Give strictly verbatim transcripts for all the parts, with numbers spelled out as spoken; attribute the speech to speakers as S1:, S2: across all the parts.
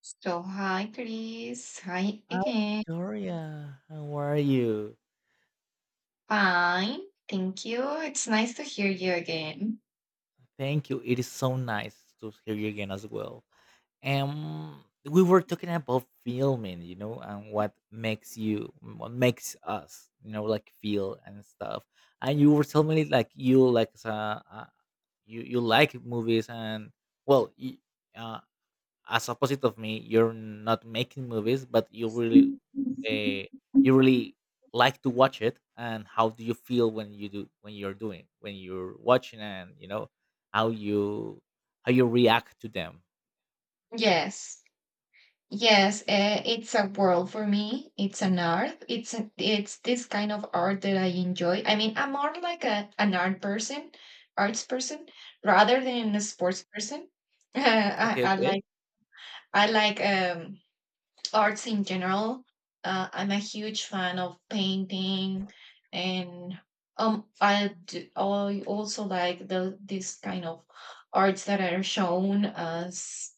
S1: So, hi, Chris. Hi
S2: Hi,
S1: again.
S2: Victoria. How are you?
S1: Fine. Thank you. It's nice to hear you again.
S2: Thank you. It is so nice to hear you again as well. Um, we were talking about filming, you know, and what makes you, what makes us, you know, like feel and stuff. And you were telling me like you like uh, uh you you like movies and, well, y- uh, as opposite of me, you're not making movies, but you really, uh, you really like to watch it. And how do you feel when you do when you're doing when you're watching, and you know how you how you react to them?
S1: Yes. Yes, uh, it's a world for me. It's an art. It's a, it's this kind of art that I enjoy. I mean, I'm more like a an art person, arts person, rather than a sports person. I,
S2: Okay,
S1: I like
S2: okay,
S1: I like um arts in general. Uh, I'm a huge fan of painting, and um, I d- I also like the this kind of arts that are shown as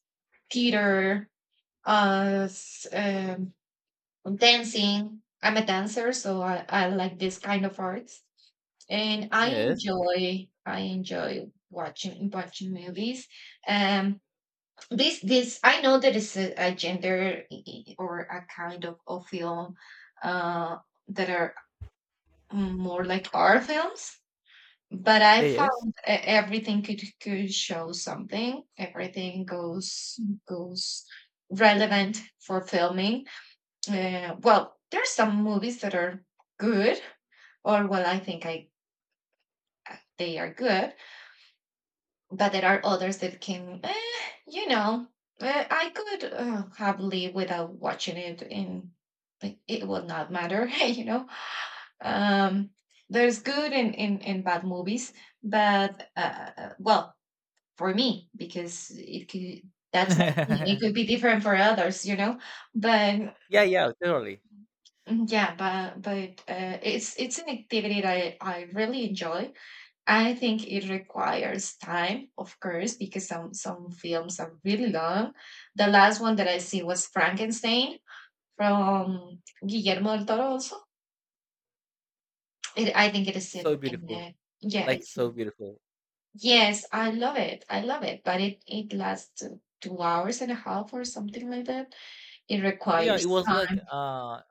S1: theater, as um, dancing. I'm a dancer, so I, I like this kind of arts, and I
S2: yes,
S1: enjoy I enjoy watching watching movies. Um, this this I know that it's a, a gender i- i- or a kind of, of film uh that are more like our films, but I
S2: yeah, yes.
S1: found e- everything could could show something, everything goes goes relevant for filming. Uh, well there's some movies that are good, or well, I think I I- they are good, but there are others that can, eh, you know, eh, I could uh, have lived without watching it, and, like, it will not matter, you know. Um, there's good and in, in, in bad movies, but uh, well, for me, because it could, that's my opinion. It could be different for others, you know. But
S2: Yeah, yeah, totally.
S1: mm, yeah, but but uh, it's it's an activity that I, I really enjoy. I think it requires time, of course, because some some films are really long. The last one that I see was Frankenstein from Guillermo del Toro. Also, it, I think it is
S2: So
S1: in, in
S2: beautiful,
S1: uh, yeah,
S2: like
S1: it's
S2: so
S1: in-
S2: beautiful.
S1: yes, I love it, I love it, but it it lasts uh, two hours and a half or something like that. It
S2: Yeah, it
S1: requires
S2: was like
S1: time.
S2: uh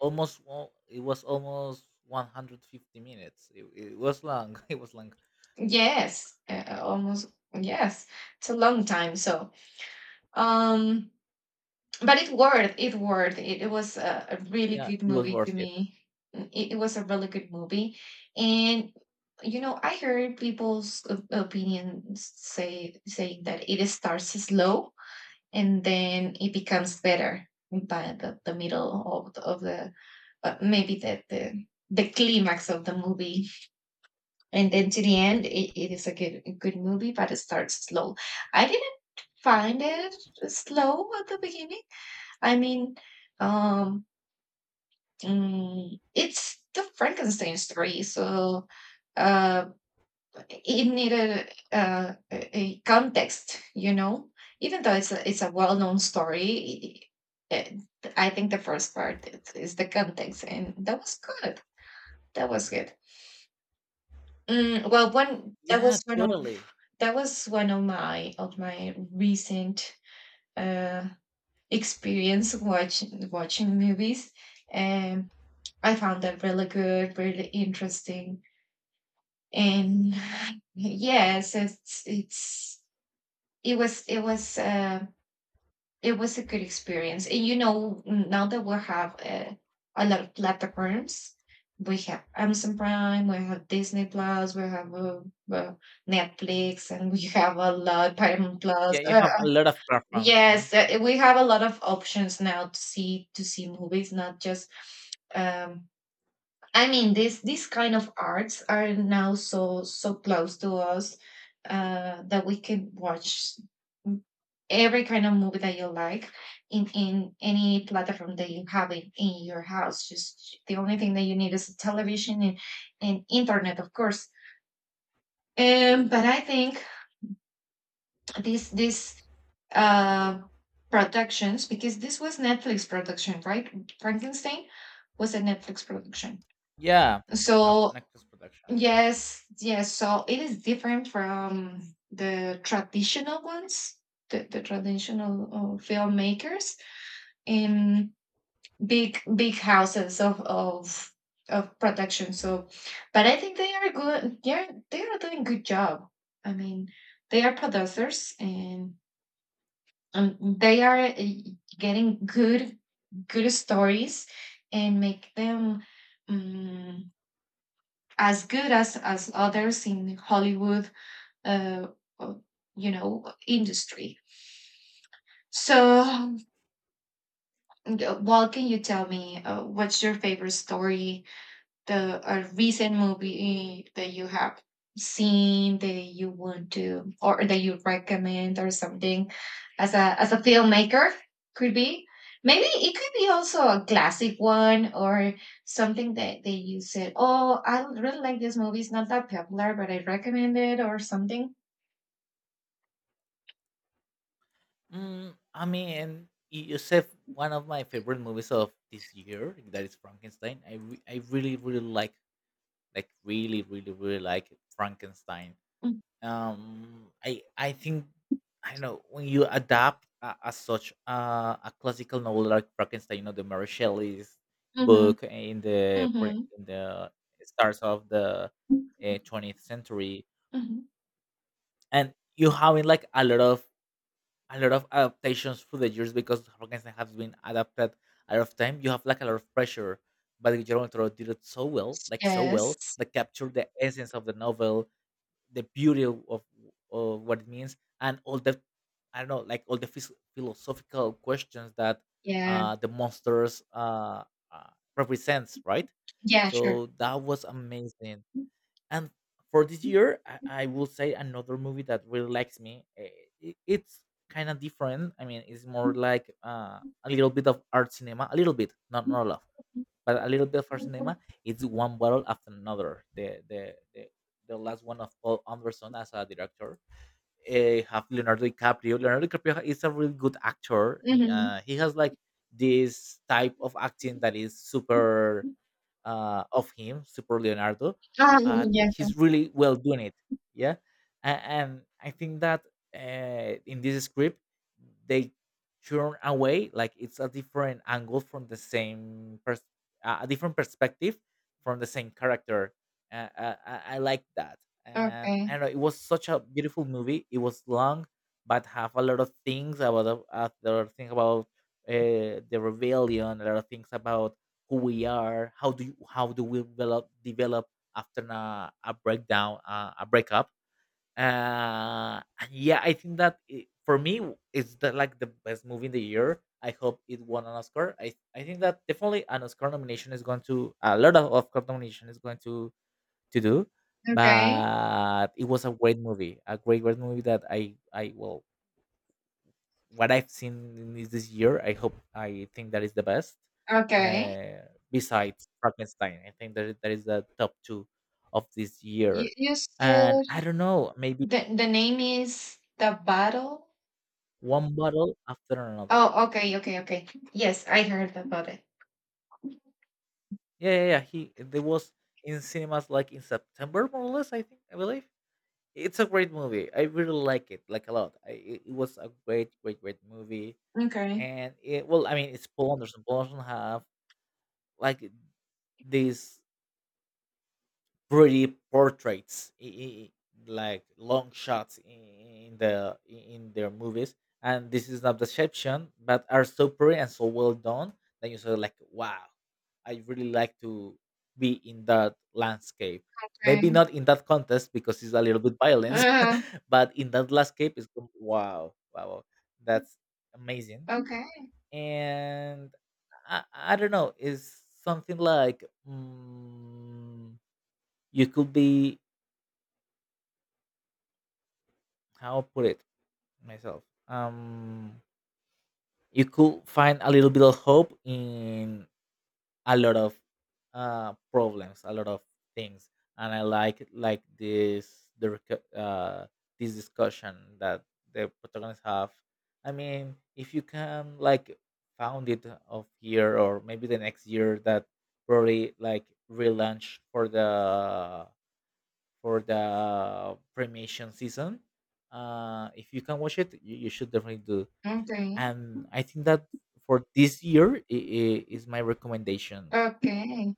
S2: almost one- it was almost one hundred fifty minutes. It, it was long. It was long.
S1: Yes, uh, almost, yes, it's a long time. So um. but it worked it worked, it, it was a, a really
S2: Yeah, it
S1: good
S2: was
S1: movie to
S2: worth it.
S1: me. Mm, it, it was a really good movie, and you know, I heard people's op- opinions say saying that it starts slow and then it becomes better by the, the middle of the, of the uh, maybe the, the the climax of the movie, and then to the end, it, it is a good a good movie, but it starts slow. I didn't find it slow at the beginning. I mean, um, mm, it's the Frankenstein story, so uh, it needed uh, a a context, you know. Even though it's a, it's a well known story, i- I think the first part is, is the context, and that was good. That was good. Mm, well, one that
S2: Yeah,
S1: was one of
S2: totally.
S1: that was one of my of my recent uh, experience watching watching movies. I found that really good, really interesting. And yes, it's it's it was it was uh, it was a good experience. And you know, now that we have uh, a lot of platforms, we have Amazon Prime, we have Disney Plus, we have uh, uh, Netflix, and we have a lot, Paramount Plus.
S2: Yeah, you
S1: Uh,
S2: have a lot of platforms, you know.
S1: yes, uh, we have a lot of options now to see to see movies, not just um, I mean, this these kind of arts are now so so close to us, uh, that we can watch every kind of movie that you like in in any platform that you have in, in your house. Just the only thing that you need is a television, and, and internet, of course. Um, but I think these these uh, productions, because this was Netflix production, right? Frankenstein was a Netflix production.
S2: Yeah, have
S1: So
S2: Netflix production.
S1: yes, yes. So it is different from the traditional ones, the, the traditional uh, filmmakers in big big houses of of of production. So, but I think they are good. They are they are doing good job. I mean, they are producers, and um they are uh, getting good good stories and make them um, as good as as others in Hollywood uh, uh, you know, industry. So, um, well, can you tell me uh, what's your favorite story, the a recent movie that you have seen that you want to, or that you recommend, or something, as a as a filmmaker? Could be, maybe it could be also a classic one, or something that that you said, oh, I really like this movie. It's not that popular, but I recommend it, or something.
S2: Mm, I mean, you, you said one of my favorite movies of this year, that is Frankenstein. I re- I really really like like really really really like Frankenstein. um i i think I don't know, when you adapt a, a such uh, a classical novel like Frankenstein, you know the Mary Shelley's
S1: Mm-hmm.
S2: book, in the
S1: Mm-hmm.
S2: pre- in the starts of the uh, twentieth century,
S1: Mhm.
S2: and you having like a lot of a lot of adaptations through the years, because Frankenstein has been adapted a lot of time, you have like a lot of pressure, but Guillermo del Toro did it so well, like so well,
S1: Yes.
S2: that captured the essence of the novel, the beauty of, of, of what it means, and all the, I don't know, like all the phys- philosophical questions that
S1: Yeah.
S2: uh, the monsters uh, uh, represents, right?
S1: Yeah, sure.
S2: So that was amazing. And for this year, i, I will say another movie that really likes me. eh, it, it's kind of different. I mean, it's more like uh, a little bit of art cinema, a little bit, not not a lot, but a little bit for cinema. It's One Bottle After Another, the the the, the last one of Paul Anderson as a director. Uh, have Leonardo DiCaprio. Leonardo DiCaprio is a really good actor. He,
S1: Mhm.
S2: Uh, he has like this type of acting that is super, uh, of him, Super Leonardo,
S1: Um,
S2: but
S1: yeah, sure.
S2: he's really well doing it. Yeah, and, and I think that uh, in this script, they turn away, like it's a different angle from the same pers- a a different perspective from the same character. Uh, uh, I, I like that, and I
S1: Okay.
S2: don't know. It was such a beautiful movie. It was long, but have a lot of things about, the- uh, there are things about uh, the rebellion, a lot of things about who we are, how do you, how do we develop develop after a, a breakdown, uh, a breakup. Uh, and yeah, I think that, it, for me, it's the, like the best movie in the year. I hope it won an Oscar. I I think that definitely an Oscar nomination is going to, a lot of Oscar nomination is going to to do,
S1: Okay.
S2: but it was a great movie, a great great movie that I I well, what I've seen in this, this year, I hope, I think that is the best.
S1: Okay.
S2: Uh, besides Frankenstein, I think that that is the top two of this
S1: You
S2: year.
S1: you
S2: And I
S1: said
S2: don't know, maybe
S1: the the name is The Battle?
S2: One Bottle After Another.
S1: Oh, okay, okay, okay. Yes, I heard about it.
S2: Yeah, yeah, yeah. He There was in cinemas like in September, more or less, I think, I believe. It's a great movie. I really like it, like a lot. I, it it was a great, great, great movie.
S1: Okay.
S2: And it well, I mean, it's Paul Anderson. Paul Anderson have like this pretty portraits, i- i- like long shots in the in their movies, and this is not deception, but are so pretty and so well done that you say, like, wow, I really like to be in that landscape.
S1: Okay.
S2: Maybe not in that contest, because it's a little bit violence,
S1: Uh,
S2: but in that landscape is, wow, wow, wow, that's amazing.
S1: okay.
S2: And I, I don't know, is something like, mm, you could be, how put it myself, um you could find a little bit of hope in a lot of uh problems, a lot of things, and I like like this, the rec- uh this discussion that the protagonists have. I mean, if you can, like, found it of here, or maybe the next year that probably like relaunch for the for the premiation season. Uh, if you can watch it, you, you should definitely do.
S1: Okay.
S2: And I think that, for this year, i i- is my recommendation.
S1: Okay.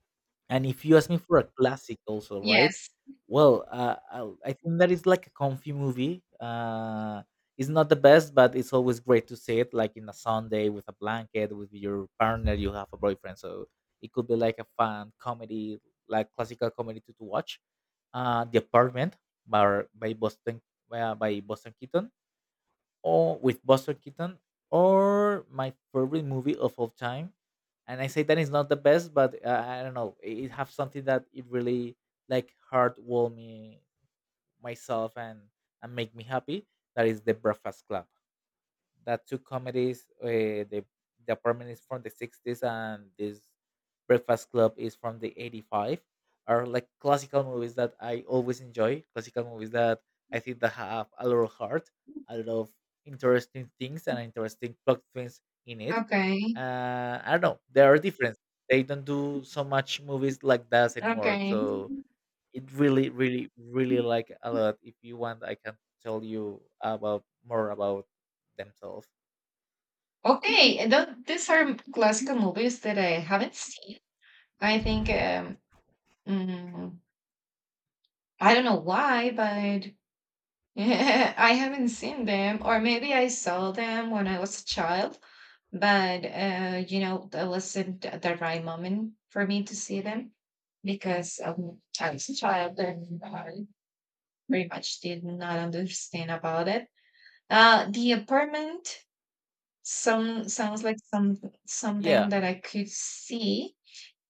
S2: And if you ask me for a classic, also, right?
S1: Yes.
S2: Well, uh, I'll- I think that is like a comfy movie. Uh, it's not the best, but it's always great to see it, like in a Sunday with a blanket, with your partner, you have a boyfriend. So it could be like a fun comedy, like classical comedy to, to watch. Uh, The Apartment, by by Boston, uh, by Boston Keaton, or with Buster Keaton, or my favorite movie of all time. And I say that it's not the best, but uh, I don't know, It it have something that it really like heartwarm me myself, and and make me happy. That is The Breakfast Club. That, two comedies. Uh, the The Apartment is from the sixties, and this Breakfast Club is from the 'eighty-five. Are like classical movies that I always enjoy. Classical movies that I think that have a lot of heart, a lot of interesting things, and interesting plot twins in it.
S1: Okay.
S2: Uh, I don't know. There are different. They don't do so much movies like that anymore.
S1: Okay,
S2: So it really, really, really like a lot. If you want, I can tell you about more about themselves.
S1: Okay, and these are classical movies that I haven't seen. I think um, mm, I don't know why, but I haven't seen them. Or maybe I saw them when I was a child, but uh, you know, that wasn't th- the right moment for me to see them, because um, I was a child and I pretty much did not understand about it. Uh, The apartment, some sounds like some something
S2: Yeah.
S1: that I could see,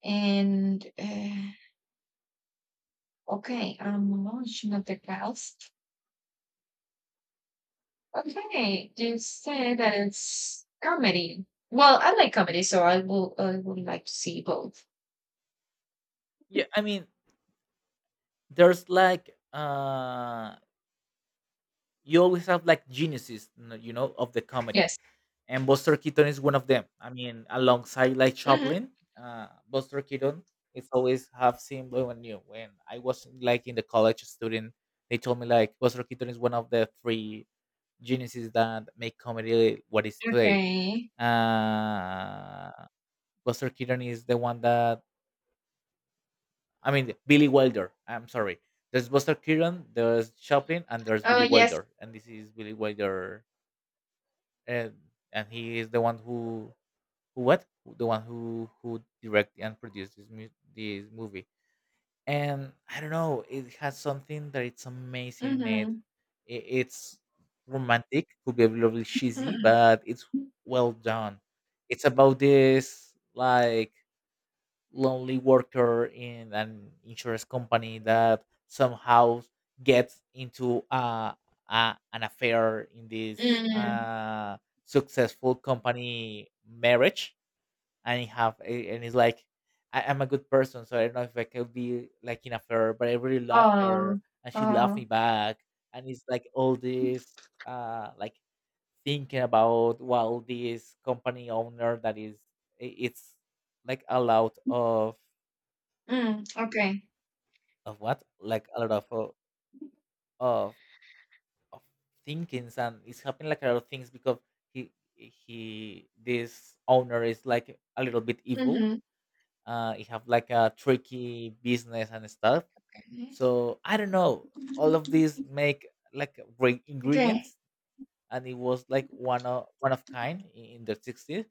S1: and uh, okay, I'm emotional, the house. Okay, you said that it's comedy. Well, I like comedy, so I will I would like to see both.
S2: Yeah. I mean, there's like, uh you always have like geniuses, n- you know, of the comedy.
S1: Yes.
S2: And Buster Keaton is one of them. I mean, alongside like
S1: Hmm.
S2: Chaplin, uh Buster Keaton is always have seen blue and new. When I was like in the college student, they told me like Buster Keaton is one of the three geniuses that make comedy what is today.
S1: Okay.
S2: Uh Buster Keaton is the one that, I mean, Billy Wilder, I'm sorry, there's Buster Keaton, there's Chaplin, and there's
S1: Oh,
S2: Billy
S1: yes.
S2: Wilder. And this is Billy Wilder, and and he is the one who, who what the one who who directed and produced this mu- this movie. And I don't know, it has something that it's amazing in it.
S1: Mm-hmm.
S2: I- It's romantic, could be a little bit cheesy,
S1: Mm-hmm.
S2: but it's well done. It's about this, like, lonely worker in an insurance company that somehow gets into uh, a an affair in this
S1: Mm.
S2: uh, successful company marriage, and he have a- and it's like, I, I'm a good person, so I don't know if I could be like in a affair, but I really love
S1: Oh.
S2: her and she loved
S1: Oh.
S2: me back. And it's like all this, uh like, thinking about while this company owner that is, i- it's like a lot of
S1: Mm. Okay.
S2: of what, like, a lot of, uh, of of thinkings. And it's happening like a lot of things because he he, this owner, is like a little bit evil,
S1: Mm-hmm.
S2: uh, it have like a tricky business and stuff.
S1: Okay.
S2: So I don't know. All of these make like great
S1: Okay.
S2: ingredients, and it was like one of one of kind in, in the sixties.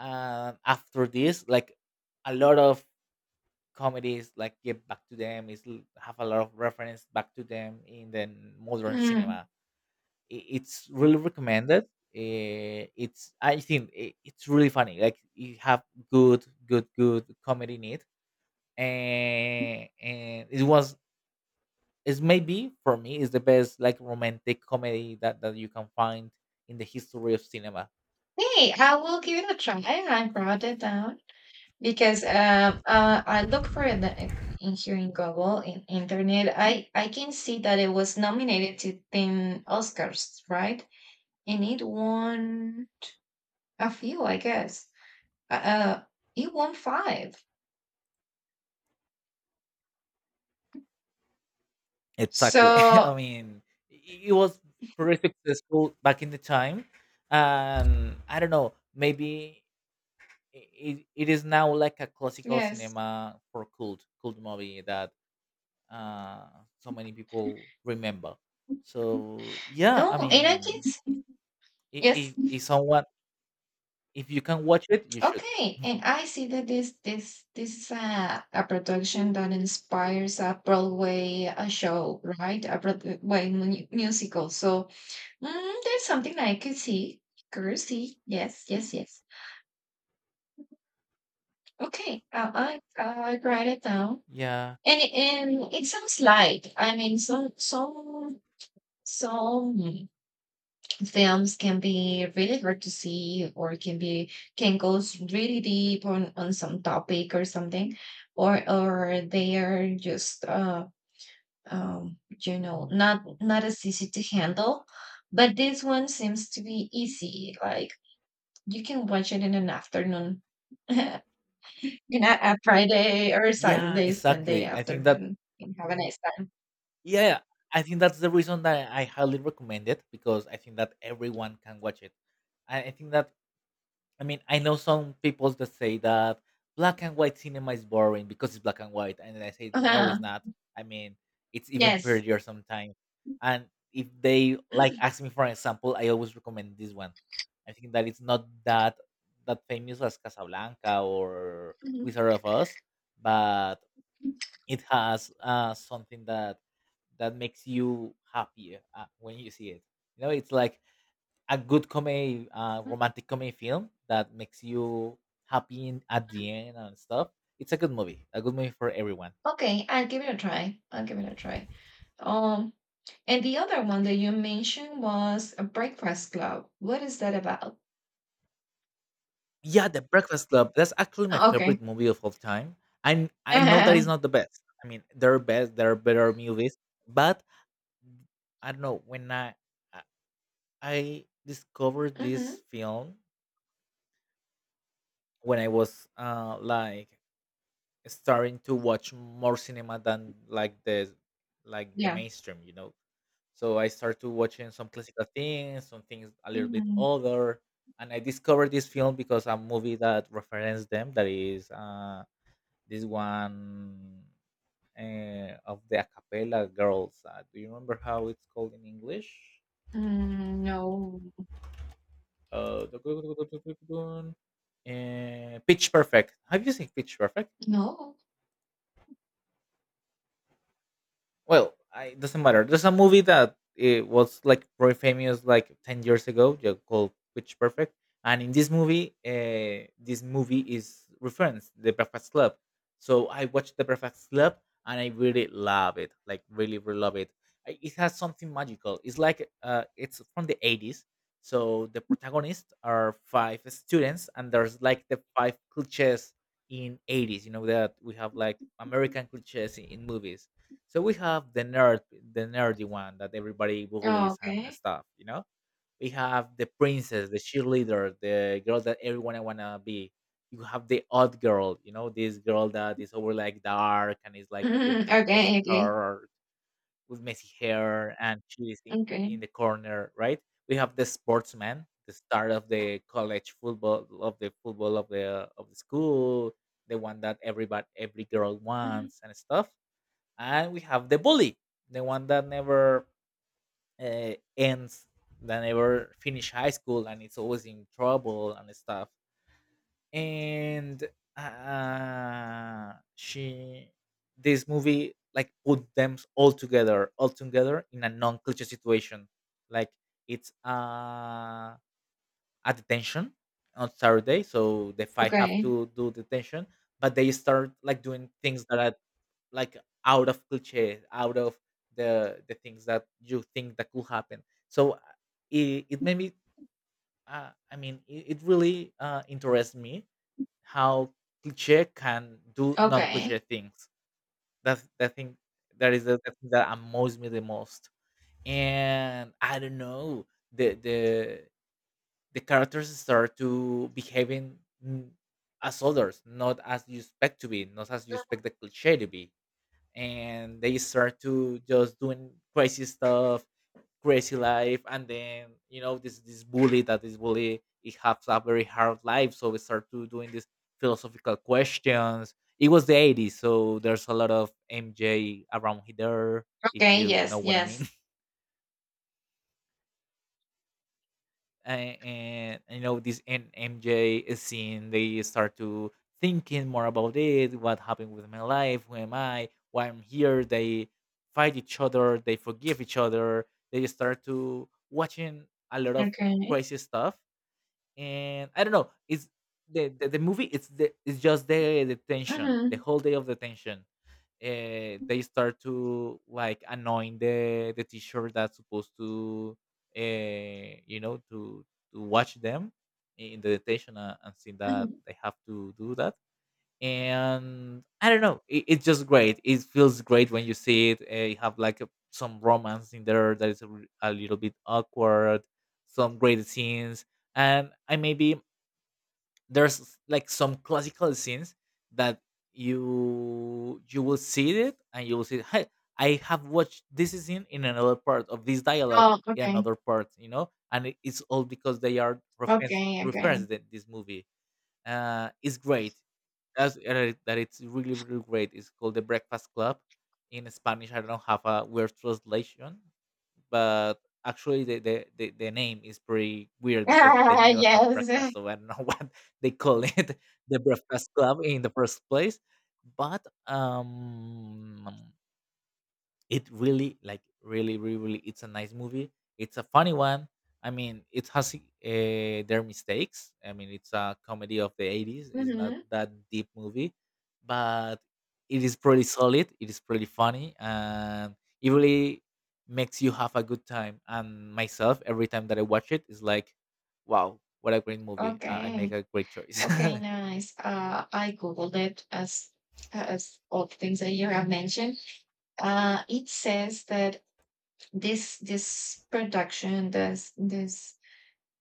S2: And after this, like, a lot of comedies like get back to them. Is l- have a lot of reference back to them in the modern
S1: Mm.
S2: cinema. I- It's really recommended. Eh, It's, I think, i- it's really funny. Like you have good, good, good comedy in it, and and it was, it's maybe for me, it's the best, like, romantic comedy that that you can find in the history of cinema.
S1: Hey, I will give it a try. I brought it down, because um, uh, I look for it in in here in Google, in internet. I I can see that it was nominated to ten Oscars, right? And it won a few, I guess. Uh, uh, it won five.
S2: Exactly. I
S1: So
S2: mean, i- it was pretty successful back in the time, and I don't know. Maybe i- it, it is now like a classical
S1: yes,
S2: cinema for cult cult movie that uh, so many people remember. So yeah,
S1: no,
S2: I
S1: and I can
S2: mean,
S1: see,
S2: i-
S1: yes,
S2: if if someone, if you can watch it, you should.
S1: okay, and I see that this this this is a a production that inspires a Broadway a show, right? A Broadway, well, mu- musical. So Mm, there's something I could see. Could see. Yes, yes, yes. Okay, uh, I I write it down.
S2: Yeah.
S1: And it, and it sounds like, I mean, some some some films can be really hard to see, or can be, can goes really deep on on some topic or something, or or they are just uh um you know, not not as easy to handle, but this one seems to be easy, like you can watch it in an afternoon, you know, a Friday or
S2: Yeah,
S1: Saturday, Sunday
S2: exactly. I think that,
S1: afternoon, and have a nice time.
S2: yeah, I think that's the reason that I highly recommend it, because I think that everyone can watch it. I, I think that, I mean, I know some people that say that black and white cinema is boring because it's black and white, and I say no,
S1: Uh-huh.
S2: it's not. I mean, it's even
S1: Yes.
S2: prettier sometimes. And if they like ask me for an example, I always recommend this one. I think that it's not that that famous as Casablanca or
S1: Mhm.
S2: Wizard of Oz, but it has uh, something that that makes you happier, uh, when you see it. You know, it's like a good comedy, uh, romantic comedy film that makes you happy in, at the end and stuff. It's a good movie, a good movie for everyone.
S1: Okay, I'll give it a try. I'll give it a try. Um, and the other one that you mentioned was a Breakfast Club. What is that about?
S2: Yeah, The Breakfast Club. That's actually my
S1: Okay.
S2: favorite movie of all time. And I know that is not the best. I mean, there are best, there are better movies, but I don't know when I I I discovered this
S1: Hmm.
S2: film when I was uh like starting to watch more cinema than like the like the
S1: Yeah.
S2: mainstream, you know. So I started to watching some classical things, some things a little bit
S1: Mhm.
S2: older, and I discovered this film because a movie that referenced them. That is uh, this one uh, of the a cappella girls. Uh, do you remember how it's called in English?
S1: Mm, no.
S2: Uh, uh, Pitch Perfect. Have you seen Pitch Perfect?
S1: No.
S2: Well, I, it doesn't matter, there's a movie that it was like very famous like ten years ago, yeah, called Pitch Perfect. And in this movie, uh, this movie is referenced The Breakfast Club, so I watched The Breakfast Club and I really love it, like really really love it. I- it has something magical. It's like uh, it's from the eighties, so the protagonists are five students and there's like the five cliches in eighties, you know, that we have like American cliches in in movies. So we have the nerd, the nerdy one that everybody
S1: Oh,
S2: bullies and
S1: okay.
S2: stuff. You know, we have the princess, the cheerleader, the girl that everyone wanna be. You have the odd girl, you know, this girl that is over like dark and is like the,
S1: Mhm.
S2: with messy
S1: Okay. Okay.
S2: hair, with messy hair, and she is in, in
S1: Okay.
S2: the corner, right? We have the sportsman, the star of the college football, of the football of the of the school, the one that everybody, every girl
S1: Mhm.
S2: wants and stuff, and we have the bully, the one that never uh, ends, that never finish high school and it's always in trouble and stuff. And uh, she This movie like put them all together, all together in a non cliche situation, like it's uh, a detention on Saturday, so the five have
S1: Okay.
S2: to do detention, but they start like doing things that are like out of cliche, out of the the things that you think that could happen. So uh, it, it made me. Uh, I mean, it, it really uh, interests me how cliche can do non-cliche
S1: Okay.
S2: things. That's the thing. That is the, the thing that amazes me the most. And I don't know, the the the characters start to behaving, mm, as others, not as you expect to be, not as you expect the cliche to be, and they start to just doing crazy stuff, crazy life. And then you know this this bully that is bully, it has a very hard life, so we start to doing these philosophical questions. It was the eighties, so there's a lot of MJ around here, if
S1: Okay,
S2: you know
S1: yes,
S2: what I mean.
S1: yes.
S2: And, and you know this N- M J scene, they start to thinking more about it. What happened with my life? Who am I? Why I'm here? They fight each other. They forgive each other. They start to watching a lot of
S1: Okay.
S2: crazy stuff. And I don't know. It's the the, the movie. It's the it's just the, the tension, the
S1: Mhm.
S2: whole day of the tension. Uh, they start to like annoying the the teacher that's supposed to uh, you know to to watch them in the detention, and, and see that
S1: Mhm.
S2: they have to do that. And I don't know, it, it's just great. It feels great when you see it. Uh, you have like a, some romance in there that is a, r- a little bit awkward, some great scenes, and I maybe there's like some classical scenes that you you will see it and you will see, hey, I have watched this scene in another part of this dialogue,
S1: Oh,
S2: in
S1: okay.
S2: another part, you know. And it- it's all because they are reference
S1: Okay, okay.
S2: referenced in this movie. Uh, it's great. That's uh, that it's really really great. It's called The Breakfast Club. In Spanish, I don't have a weird translation, but actually the the, the, the name is pretty weird because they never have
S1: Yes.
S2: breakfast, so I don't know what they call it, The Breakfast Club, in the first place. But um, it really like really really really it's a nice movie, it's a funny one. I mean, it has uh, their mistakes. I mean, it's a comedy of the eighties, it's not
S1: Mhm.
S2: that deep movie, but it is pretty solid, it is pretty funny, and it really makes you have a good time. And myself, every time that I watch it is like, wow, what a great movie. uh, I make
S1: Okay.
S2: a great choice.
S1: Okay, nice. Uh, I googled it, as as all the things that you have mentioned. Uh, it says that this this production, this this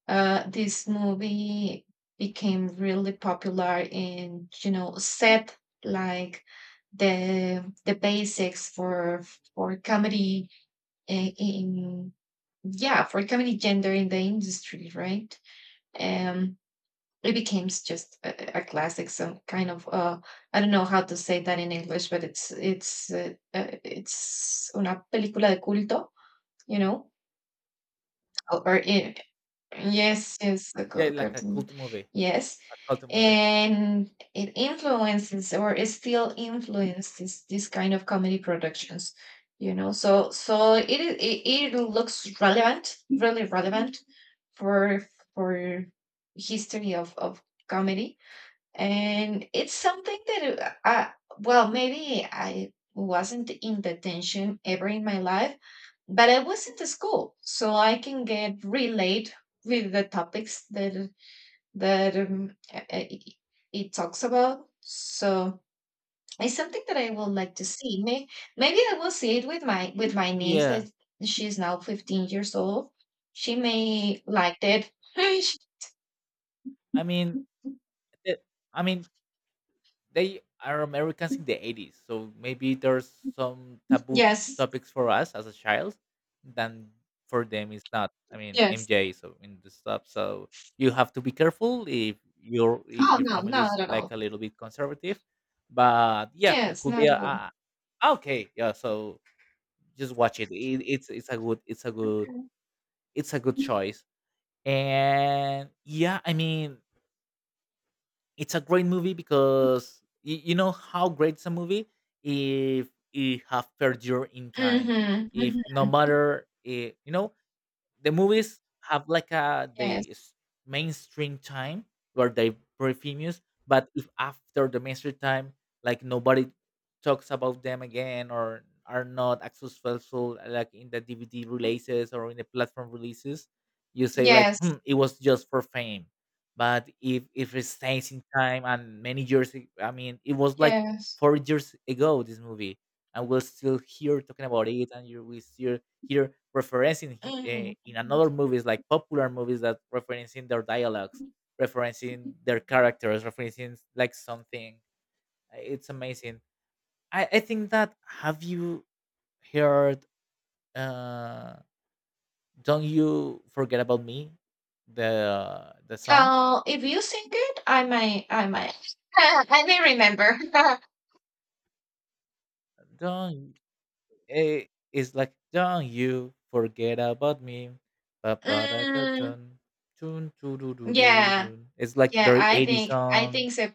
S1: uh, this movie became really popular, and you know, set, like, the the basics for for comedy in, in, yeah, for comedy gender in the industry, right? um it becomes just a, a classic, some kind of uh I don't know how to say that in english, but it's it's uh, uh, it's una película de culto, you know, or, or eh, yes, yes, the
S2: Yeah,
S1: co-
S2: like a
S1: cartoon.
S2: cult movie,
S1: Yes.
S2: a cult movie.
S1: And it influences, or it still influences this kind of comedy productions, you know. So so it i- it, it looks relevant, really relevant for for history of of comedy. And it's something that uh, I, well, maybe I wasn't in detention ever in my life, but I was in the school, so I can get relate with the topics that that um, uh, it, it talks about. So it's something that I would like to see. May, maybe I will see it with my with my niece
S2: Yeah,
S1: that she's now fifteen years old. She may like it.
S2: I mean, the- i mean they are Americans in the eighties, so maybe there's some taboo
S1: Yes,
S2: topics for us as a child, than for them it's not. I mean,
S1: yes.
S2: M J so in the stuff, so you have to be careful if your if
S1: Oh
S2: your
S1: no, no,
S2: family is
S1: not at
S2: like
S1: all.
S2: a little bit conservative. But yeah, it
S1: Yes,
S2: could be
S1: not
S2: a,
S1: Naruto.
S2: a a- okay, yeah. So just watch it. it. It's it's a good, it's a good it's a good choice. And yeah, I mean, it's a great movie because you, you know how great's a movie if it have perdured in time.
S1: Mhm,
S2: If
S1: mhm.
S2: no matter, eh, you know, the movies have like a
S1: Yes.
S2: the s- mainstream time where they very famous, but if after the mainstream time like nobody talks about them again or are not as successful, like in the DVD releases or in the platform releases, you say like,
S1: Yes,
S2: hmm, it was just for fame. But if if it stays in time and many years ag- I mean it was like
S1: yes.
S2: four years ago this movie, and we're still here talking about it, and you we still here referencing he, uh,
S1: Mhm.
S2: in another movies, like popular movies that referencing their dialogues, referencing their characters, referencing like something. Uh, it's amazing. i, I think that, have you heard, uh don't you forget about me, the the song?
S1: Uh, if you sing it, I may I may I may remember.
S2: Don't, eh, it's like, don't you forget about me.
S1: Mm.
S2: Ba-ba-da-da-dun, dun,
S1: Yeah,
S2: doo-doo-doo-doo-dun. It's like
S1: yeah,
S2: very
S1: I
S2: eighty
S1: think I
S2: song,
S1: think so,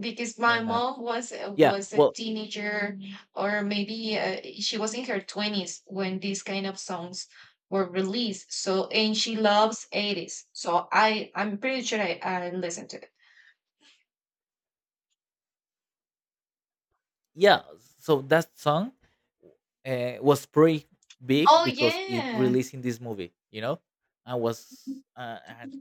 S1: because my
S2: or not.
S1: mom was a-
S2: Yeah,
S1: was a
S2: well,
S1: teenager, or maybe uh, she was in her twenties when these kind of songs were released. So, and she loves eighties. So I I'm pretty sure I I listened to.
S2: yeah. So that song uh, was pretty big
S1: Oh,
S2: because it
S1: yeah.
S2: released in this movie, you know, and was uh, and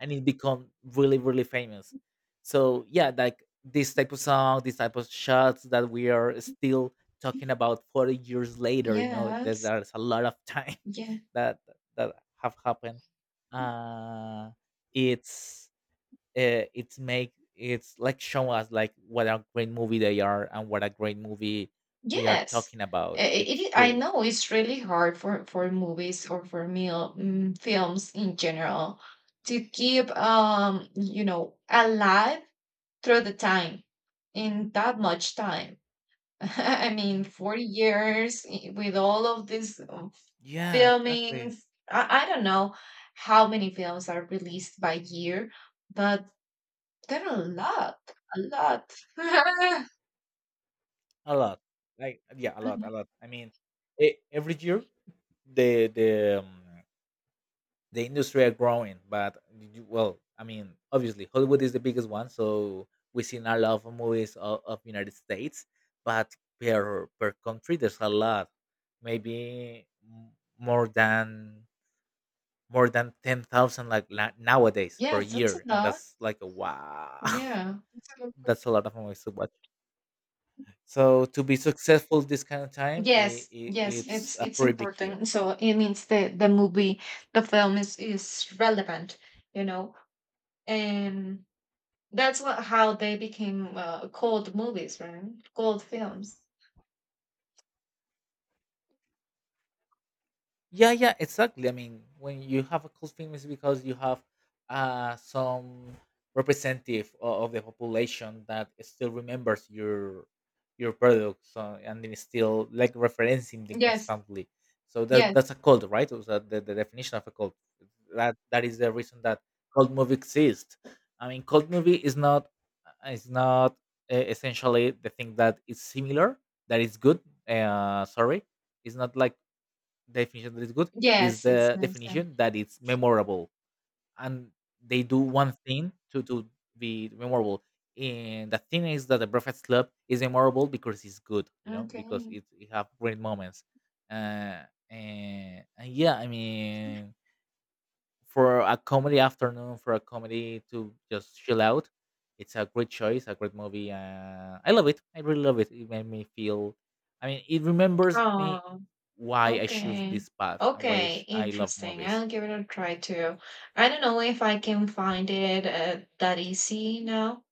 S2: and it become really really famous. So yeah, like this type of song, this type of shots that we are still talking about forty years later. You know, there's,
S1: Yes.
S2: there's a lot of time
S1: Yeah.
S2: that that have happened. Uh, it's uh, it's make it's like show us like what a great movie they are and what a great movie we are
S1: Yes.
S2: talking
S1: I
S2: about.
S1: i
S2: It's
S1: it I
S2: cool.
S1: know it's really hard for for movies, or for meal mm, films in general, to keep, um, you know, alive through the time, in that much time. I mean, forty years I with all of these, um,
S2: Yeah, exactly.
S1: filmings. I I don't know how many films are released by year, but there are a lot, a lot.
S2: A lot, like yeah, a lot, a lot. I mean, e- every year the the um, the industry are growing, but you- well, I mean, obviously Hollywood is the biggest one, so we seen a lot of movies of, of United States, but per per country there's a lot, maybe m- more than, more than ten thousand like la- nowadays per
S1: Yes, that's a
S2: year, and
S1: lot.
S2: that's like a wow.
S1: Yeah. That's a lot of-
S2: That's a lot of movies to watch, so to be successful this kind of time, I
S1: Yes,
S2: I
S1: yes,
S2: it's
S1: it's
S2: a
S1: it's
S2: pretty big deal.
S1: important. So it means the the movie, the film is is relevant, you know, and that's what how they became uh, called movies, right? Called films.
S2: Yeah, yeah, exactly. I mean, when you have a cult film, it's because you have uh, some representative o- of the population that still remembers your your products, uh, and then still like referencing them
S1: Yes,
S2: constantly. So that
S1: yes,
S2: that's a cult, right? So that the, the definition of a cult. That that is the reason that cult movie exists. I mean, cult movie is not uh, is not uh, essentially the thing that is similar that is good. Uh, sorry, it's not like definition that is good, is
S1: yes. It's
S2: the
S1: nice. Then.
S2: definition that it's memorable, and they do one thing to to be memorable. And the thing is that The Breakfast Club is memorable because it's good, you know, because
S1: Okay.
S2: it, it have great moments. uh and, and yeah, I mean, for a comedy afternoon, for a comedy to just chill out, it's a great choice, a great movie. Uh, I love it. I really love it. It made me feel. I mean, it remembers me
S1: Oh,
S2: why I choose
S1: okay.
S2: this path and why I,
S1: Okay,
S2: sh- I love
S1: interesting.
S2: movies.
S1: I'll give it a try too. I don't know if I can find it uh, that easy now.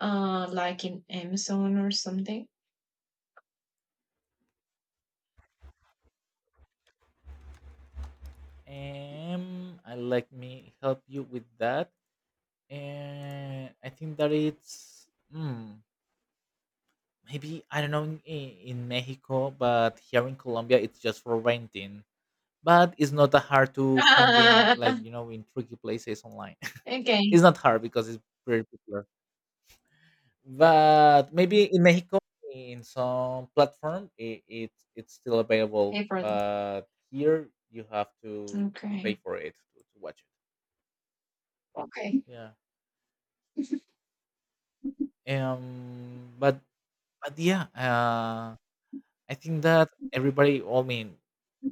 S1: Uh, like in Amazon or something?
S2: Um, I let me help you with that. And I think that it's, hmm, maybe I don't know in, in Mexico, but here in Colombia, it's just for renting. But it's not that hard to find in,
S1: Ah,
S2: like, you know in tricky places online.
S1: okay,
S2: It's not hard because it's pretty popular, but maybe in Mexico in some platform it, it it's still available,
S1: hey, brother.
S2: but here you have to to pay
S1: Okay.
S2: for it to, to watch it.
S1: Okay.
S2: Yeah. um but but yeah uh I think that everybody, I mean,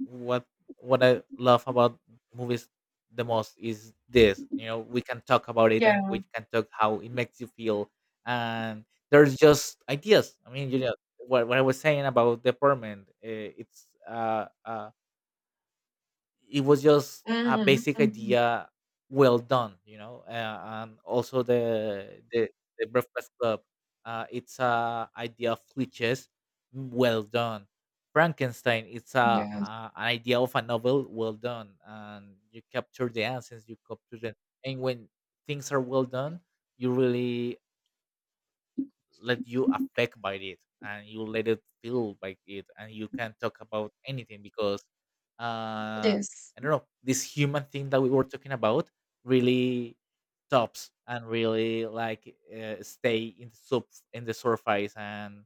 S2: what what I love about movies the most is this. You know, We can talk about it and
S1: Yeah.
S2: we can talk how it makes you feel. And there's just ideas. I mean, you know, what, what I was saying about the apartment. Uh, it's uh, uh, it was just a
S1: Mhm,
S2: basic
S1: mhm.
S2: idea well done you know uh, And also the the, the, Breakfast Club, uh, it's a idea of glitches, well done. Frankenstein, it's a,
S1: Yes.
S2: a an idea of a novel, well done, and you capture the essence, you capture the. And when things are well done, you really let you affect by it, and you let it feel by it, and you can talk about anything because
S1: It
S2: uh
S1: is.
S2: I don't know, this human thing that we were talking about really tops and really like uh, stay in the sub, in the surface, and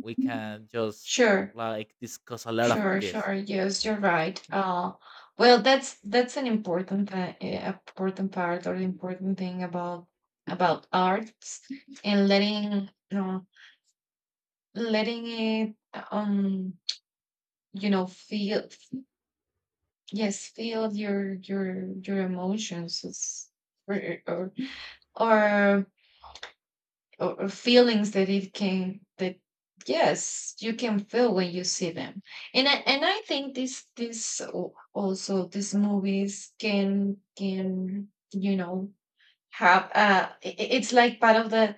S2: we can just
S1: Sure.
S2: like discuss a lot of
S1: Sure,
S2: this.
S1: sure. Yes, you're right. Uh, well, that's that's an important pa- eh, important part or important thing about about arts and letting you know letting it um you know feel. Yes, feel your your your emotions is- or or, or or feelings that it can that, yes, you can feel when you see them. And I, and I think this this al- also these movies can can you know have uh i- i- it's like part of the,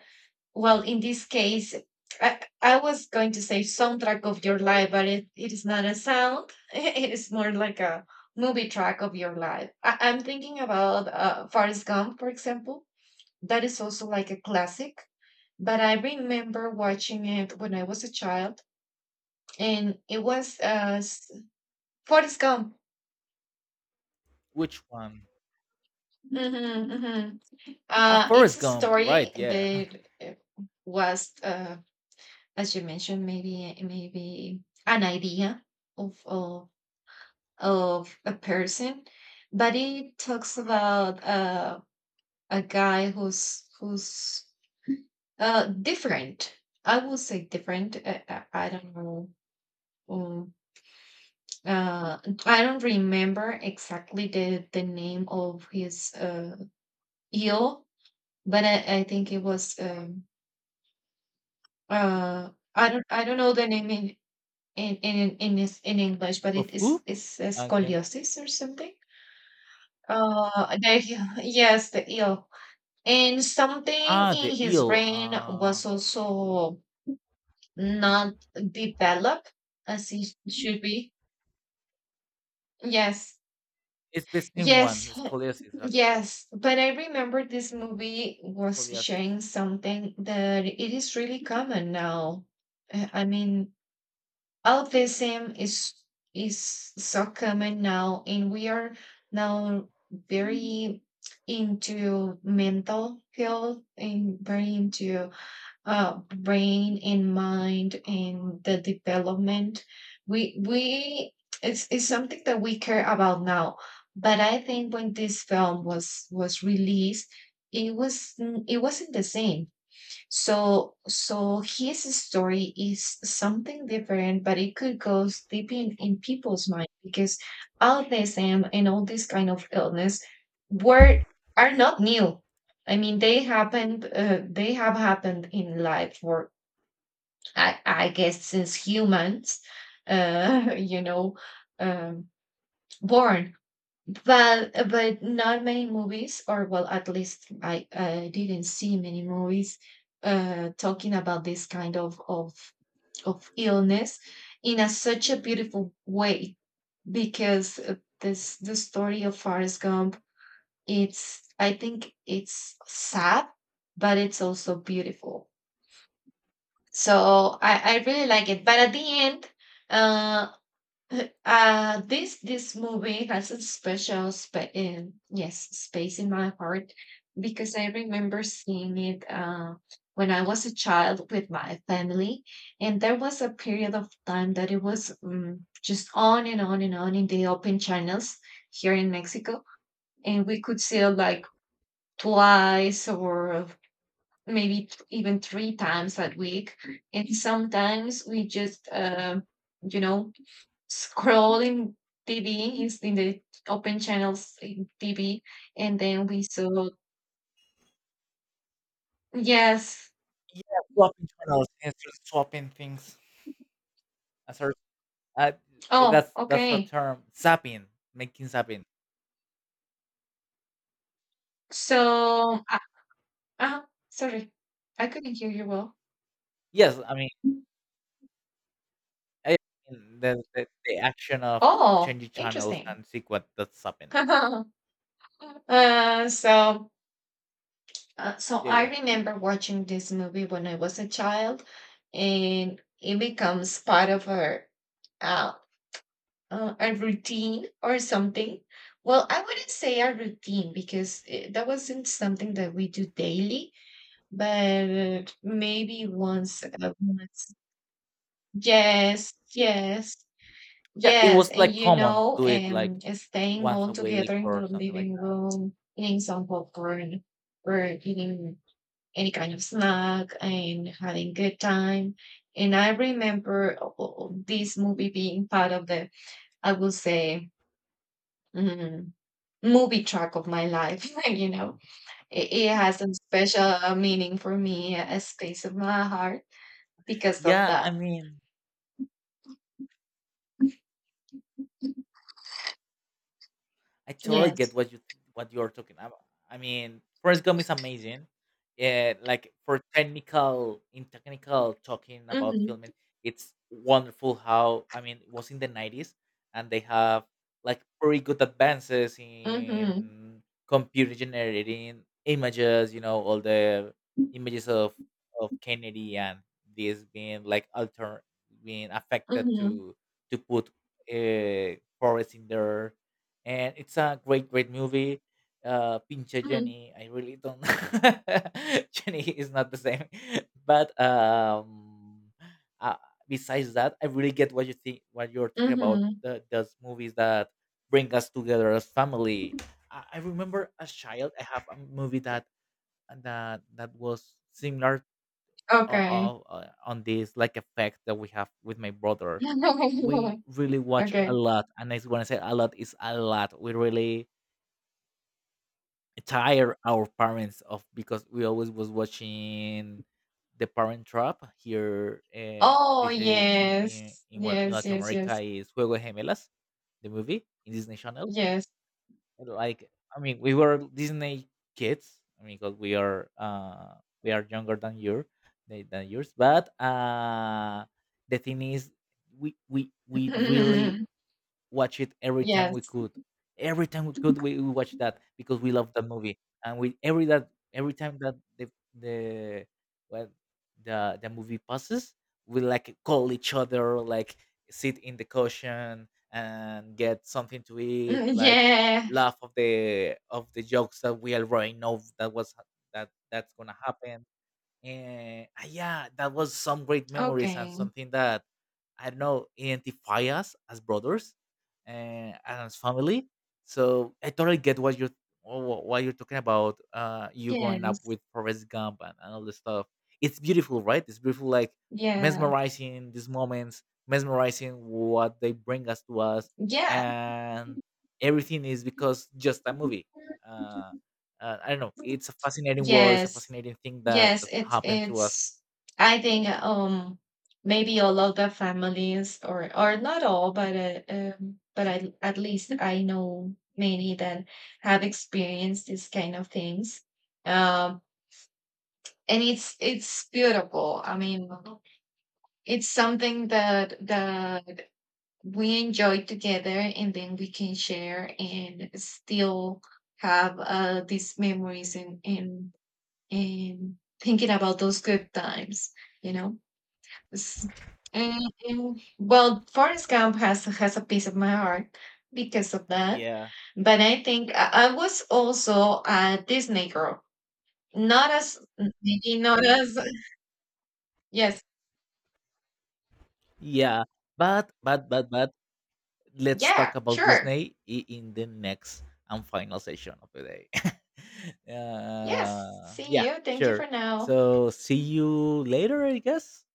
S1: well, in this case, I, I was going to say soundtrack of your life, but it, it is not a sound. It is more like a movie track of your life. I, I'm thinking about uh, Forrest Gump, for example. That is also like a classic, but I remember watching it when I was a child, and it was uh, s- Forrest Gump.
S2: Which one?
S1: Hmm, hmm.
S2: Ah,
S1: Uh, it's
S2: Forrest
S1: a
S2: Gump,
S1: story
S2: right? Yeah.
S1: that uh, was. Uh, as you mentioned, maybe maybe an idea of of, of a person, but it talks about uh, a guy who's who's uh, different. I would say different. Uh, uh, I don't know. Um, uh, I don't remember exactly the the name of his uh, ill, but I, I think it was. Um, uh, I don't I don't know the name in in in in is in English, but it
S2: Of
S1: is
S2: who?
S1: it's a
S2: I can.
S1: scoliosis or something. Uh, the, yes, the ill. And something
S2: Ah, the
S1: in his
S2: eel.
S1: brain
S2: Uh
S1: was also not developed as it should be. Yes,
S2: it's the same one,
S1: yes,
S2: it's scoliosis actually.
S1: yes. But I remember this movie was
S2: Scoliosis.
S1: showing something that it is really common now. Uh, I mean, albinism is is so common now, and we are now very into mental health and very into uh, brain and mind and the development. We we it's it's something that we care about now. But I think when this film was was released, it was it wasn't the same. So, so his story is something different, but it could go deep in, in people's mind because autism and all this kind of illness were are not new. I mean, they happened. Uh, they have happened in life for, I, I guess, since humans, uh, you know, um, born. Well, uh, but not many movies, or well, at least I, I didn't see many movies uh, talking about this kind of of of illness in a such a beautiful way because uh, this the story of Forrest Gump. It's, I think it's sad, but it's also beautiful. So I I really like it. But at the end, uh, uh, this this movie has a special spa- um, yes, space in my heart because I remember seeing it uh, when I was a child with my family, and there was a period of time that it was um, just on and on and on in the open channels here in Mexico, and we could see it like twice or maybe th- even three times that week, and sometimes we just uh, you know scrolling T V is in the open channels in T V, and then we saw yes.
S2: Yeah, swapping channels instead of swapping things. I our, uh,
S1: Oh,
S2: that's that's the
S1: okay.
S2: term, zapping, making zapping.
S1: So, uh, uh, sorry, I couldn't hear you well.
S2: Yes, I mean, I mean the, the the action of
S1: Oh,
S2: changing channels
S1: interesting.
S2: and sequence, that's zapping.
S1: uh, so, uh, so
S2: Yeah,
S1: I
S2: yeah.
S1: remember watching this movie when I was a child, and it becomes part of our uh, uh, a routine or something. Well, I wouldn't say a routine because eh, that wasn't something that we do daily, but uh, maybe once, uh, once. Yes, yes,
S2: Yeah, it
S1: yes.
S2: was
S1: And
S2: like
S1: you
S2: common to
S1: know,
S2: do it like
S1: um, staying
S2: once
S1: all
S2: a week
S1: together in the
S2: or something like
S1: living
S2: that.
S1: room, eating some popcorn or eating any kind of snack and having good time. And I remember uh, uh, uh, this movie being part of the, I will say, mm-hmm, movie track of my life. You know, it, it has a special uh, meaning for me, a space of my heart because of
S2: Yeah, I
S1: that.
S2: mean, I totally get
S1: Yes.
S2: what you, what you're talking about. I mean, Forrest Gump is amazing. Yeah, like for technical, in technical talking about filming,
S1: Mm-hmm.
S2: it's wonderful how, I mean, it was in the nineties and they have like pretty good advances
S1: Mm-hmm.
S2: in computer generating images, you know, all the images of of Kennedy and this being like alter, being affected
S1: Mm-hmm.
S2: to to put uh, Forrest in there, and it's a great, great movie. Uh, Pinche
S1: Mm-hmm.
S2: Jenny, I really don't. Jenny is not the same, but um, uh, besides that, I really get what you think, what you're talking about.
S1: Mm-hmm.
S2: The, those movies that bring us together as family. I, I remember as child, I have a movie that that that was similar, uh,
S1: Okay.
S2: uh, on this like effect that we have with my brother. We really watch a
S1: okay.
S2: lot, and I, when I say a lot, is a lot. We really tire our parents of because we always was watching The Parent Trap here. Uh,
S1: Oh,
S2: this is in in
S1: yes.
S2: in, one, in
S1: Yes.
S2: Latin
S1: Yes.
S2: America,
S1: Yes.
S2: is Juego de Gemelas, the movie in Disney Channel.
S1: Yes.
S2: Like, I mean, we were Disney kids, I mean, because we are, uh we are younger than your, than than yours, but uh the thing is, we we we really watch it every time we
S1: yes.
S2: could. Every time we could, we, we watch that because we love that movie. And we, every that, every time that the the well, the the movie passes, we like call each other, like sit in the cushion and get something to eat,
S1: Mm,
S2: like
S1: yeah.
S2: laugh of the of the jokes that we already know that was, that that's gonna happen. And uh, yeah, that was some great memories, and
S1: Okay.
S2: something that I don't know, identify us as brothers uh, and as family. So I totally get what you're, wh- wh- why you're talking about, uh you growing
S1: Yes.
S2: up with Forrest Gump and, and all this stuff. It's beautiful, right? It's beautiful, like,
S1: Yeah.
S2: mesmerizing these moments, mesmerizing what they bring us to us.
S1: Yeah.
S2: And everything is because just a movie. uh uh, I don't know. It's a fascinating world. It's a
S1: Yes.
S2: fascinating thing that
S1: Yes,
S2: that
S1: it's
S2: happened to us.
S1: it's I think, um maybe all of the families or or not all, but uh, um but I, at least I know many that have experienced these kind of things. Um and it's it's beautiful. I mean, it's something that that we enjoy together and then we can share and still have uh these memories and and and thinking about those good times, you know. S- And, and, well, Forrest Gump has has a piece of my heart because of that.
S2: Yeah.
S1: But I think I, I was also a Disney girl, not as maybe not as yes,
S2: Yeah, but but but but let's
S1: yeah,
S2: talk about
S1: sure,
S2: Disney i- in the next and final session of the day.
S1: yes.
S2: uh,
S1: See
S2: yeah,
S1: you. Thank you
S2: sure.
S1: for now.
S2: So see you later, I guess.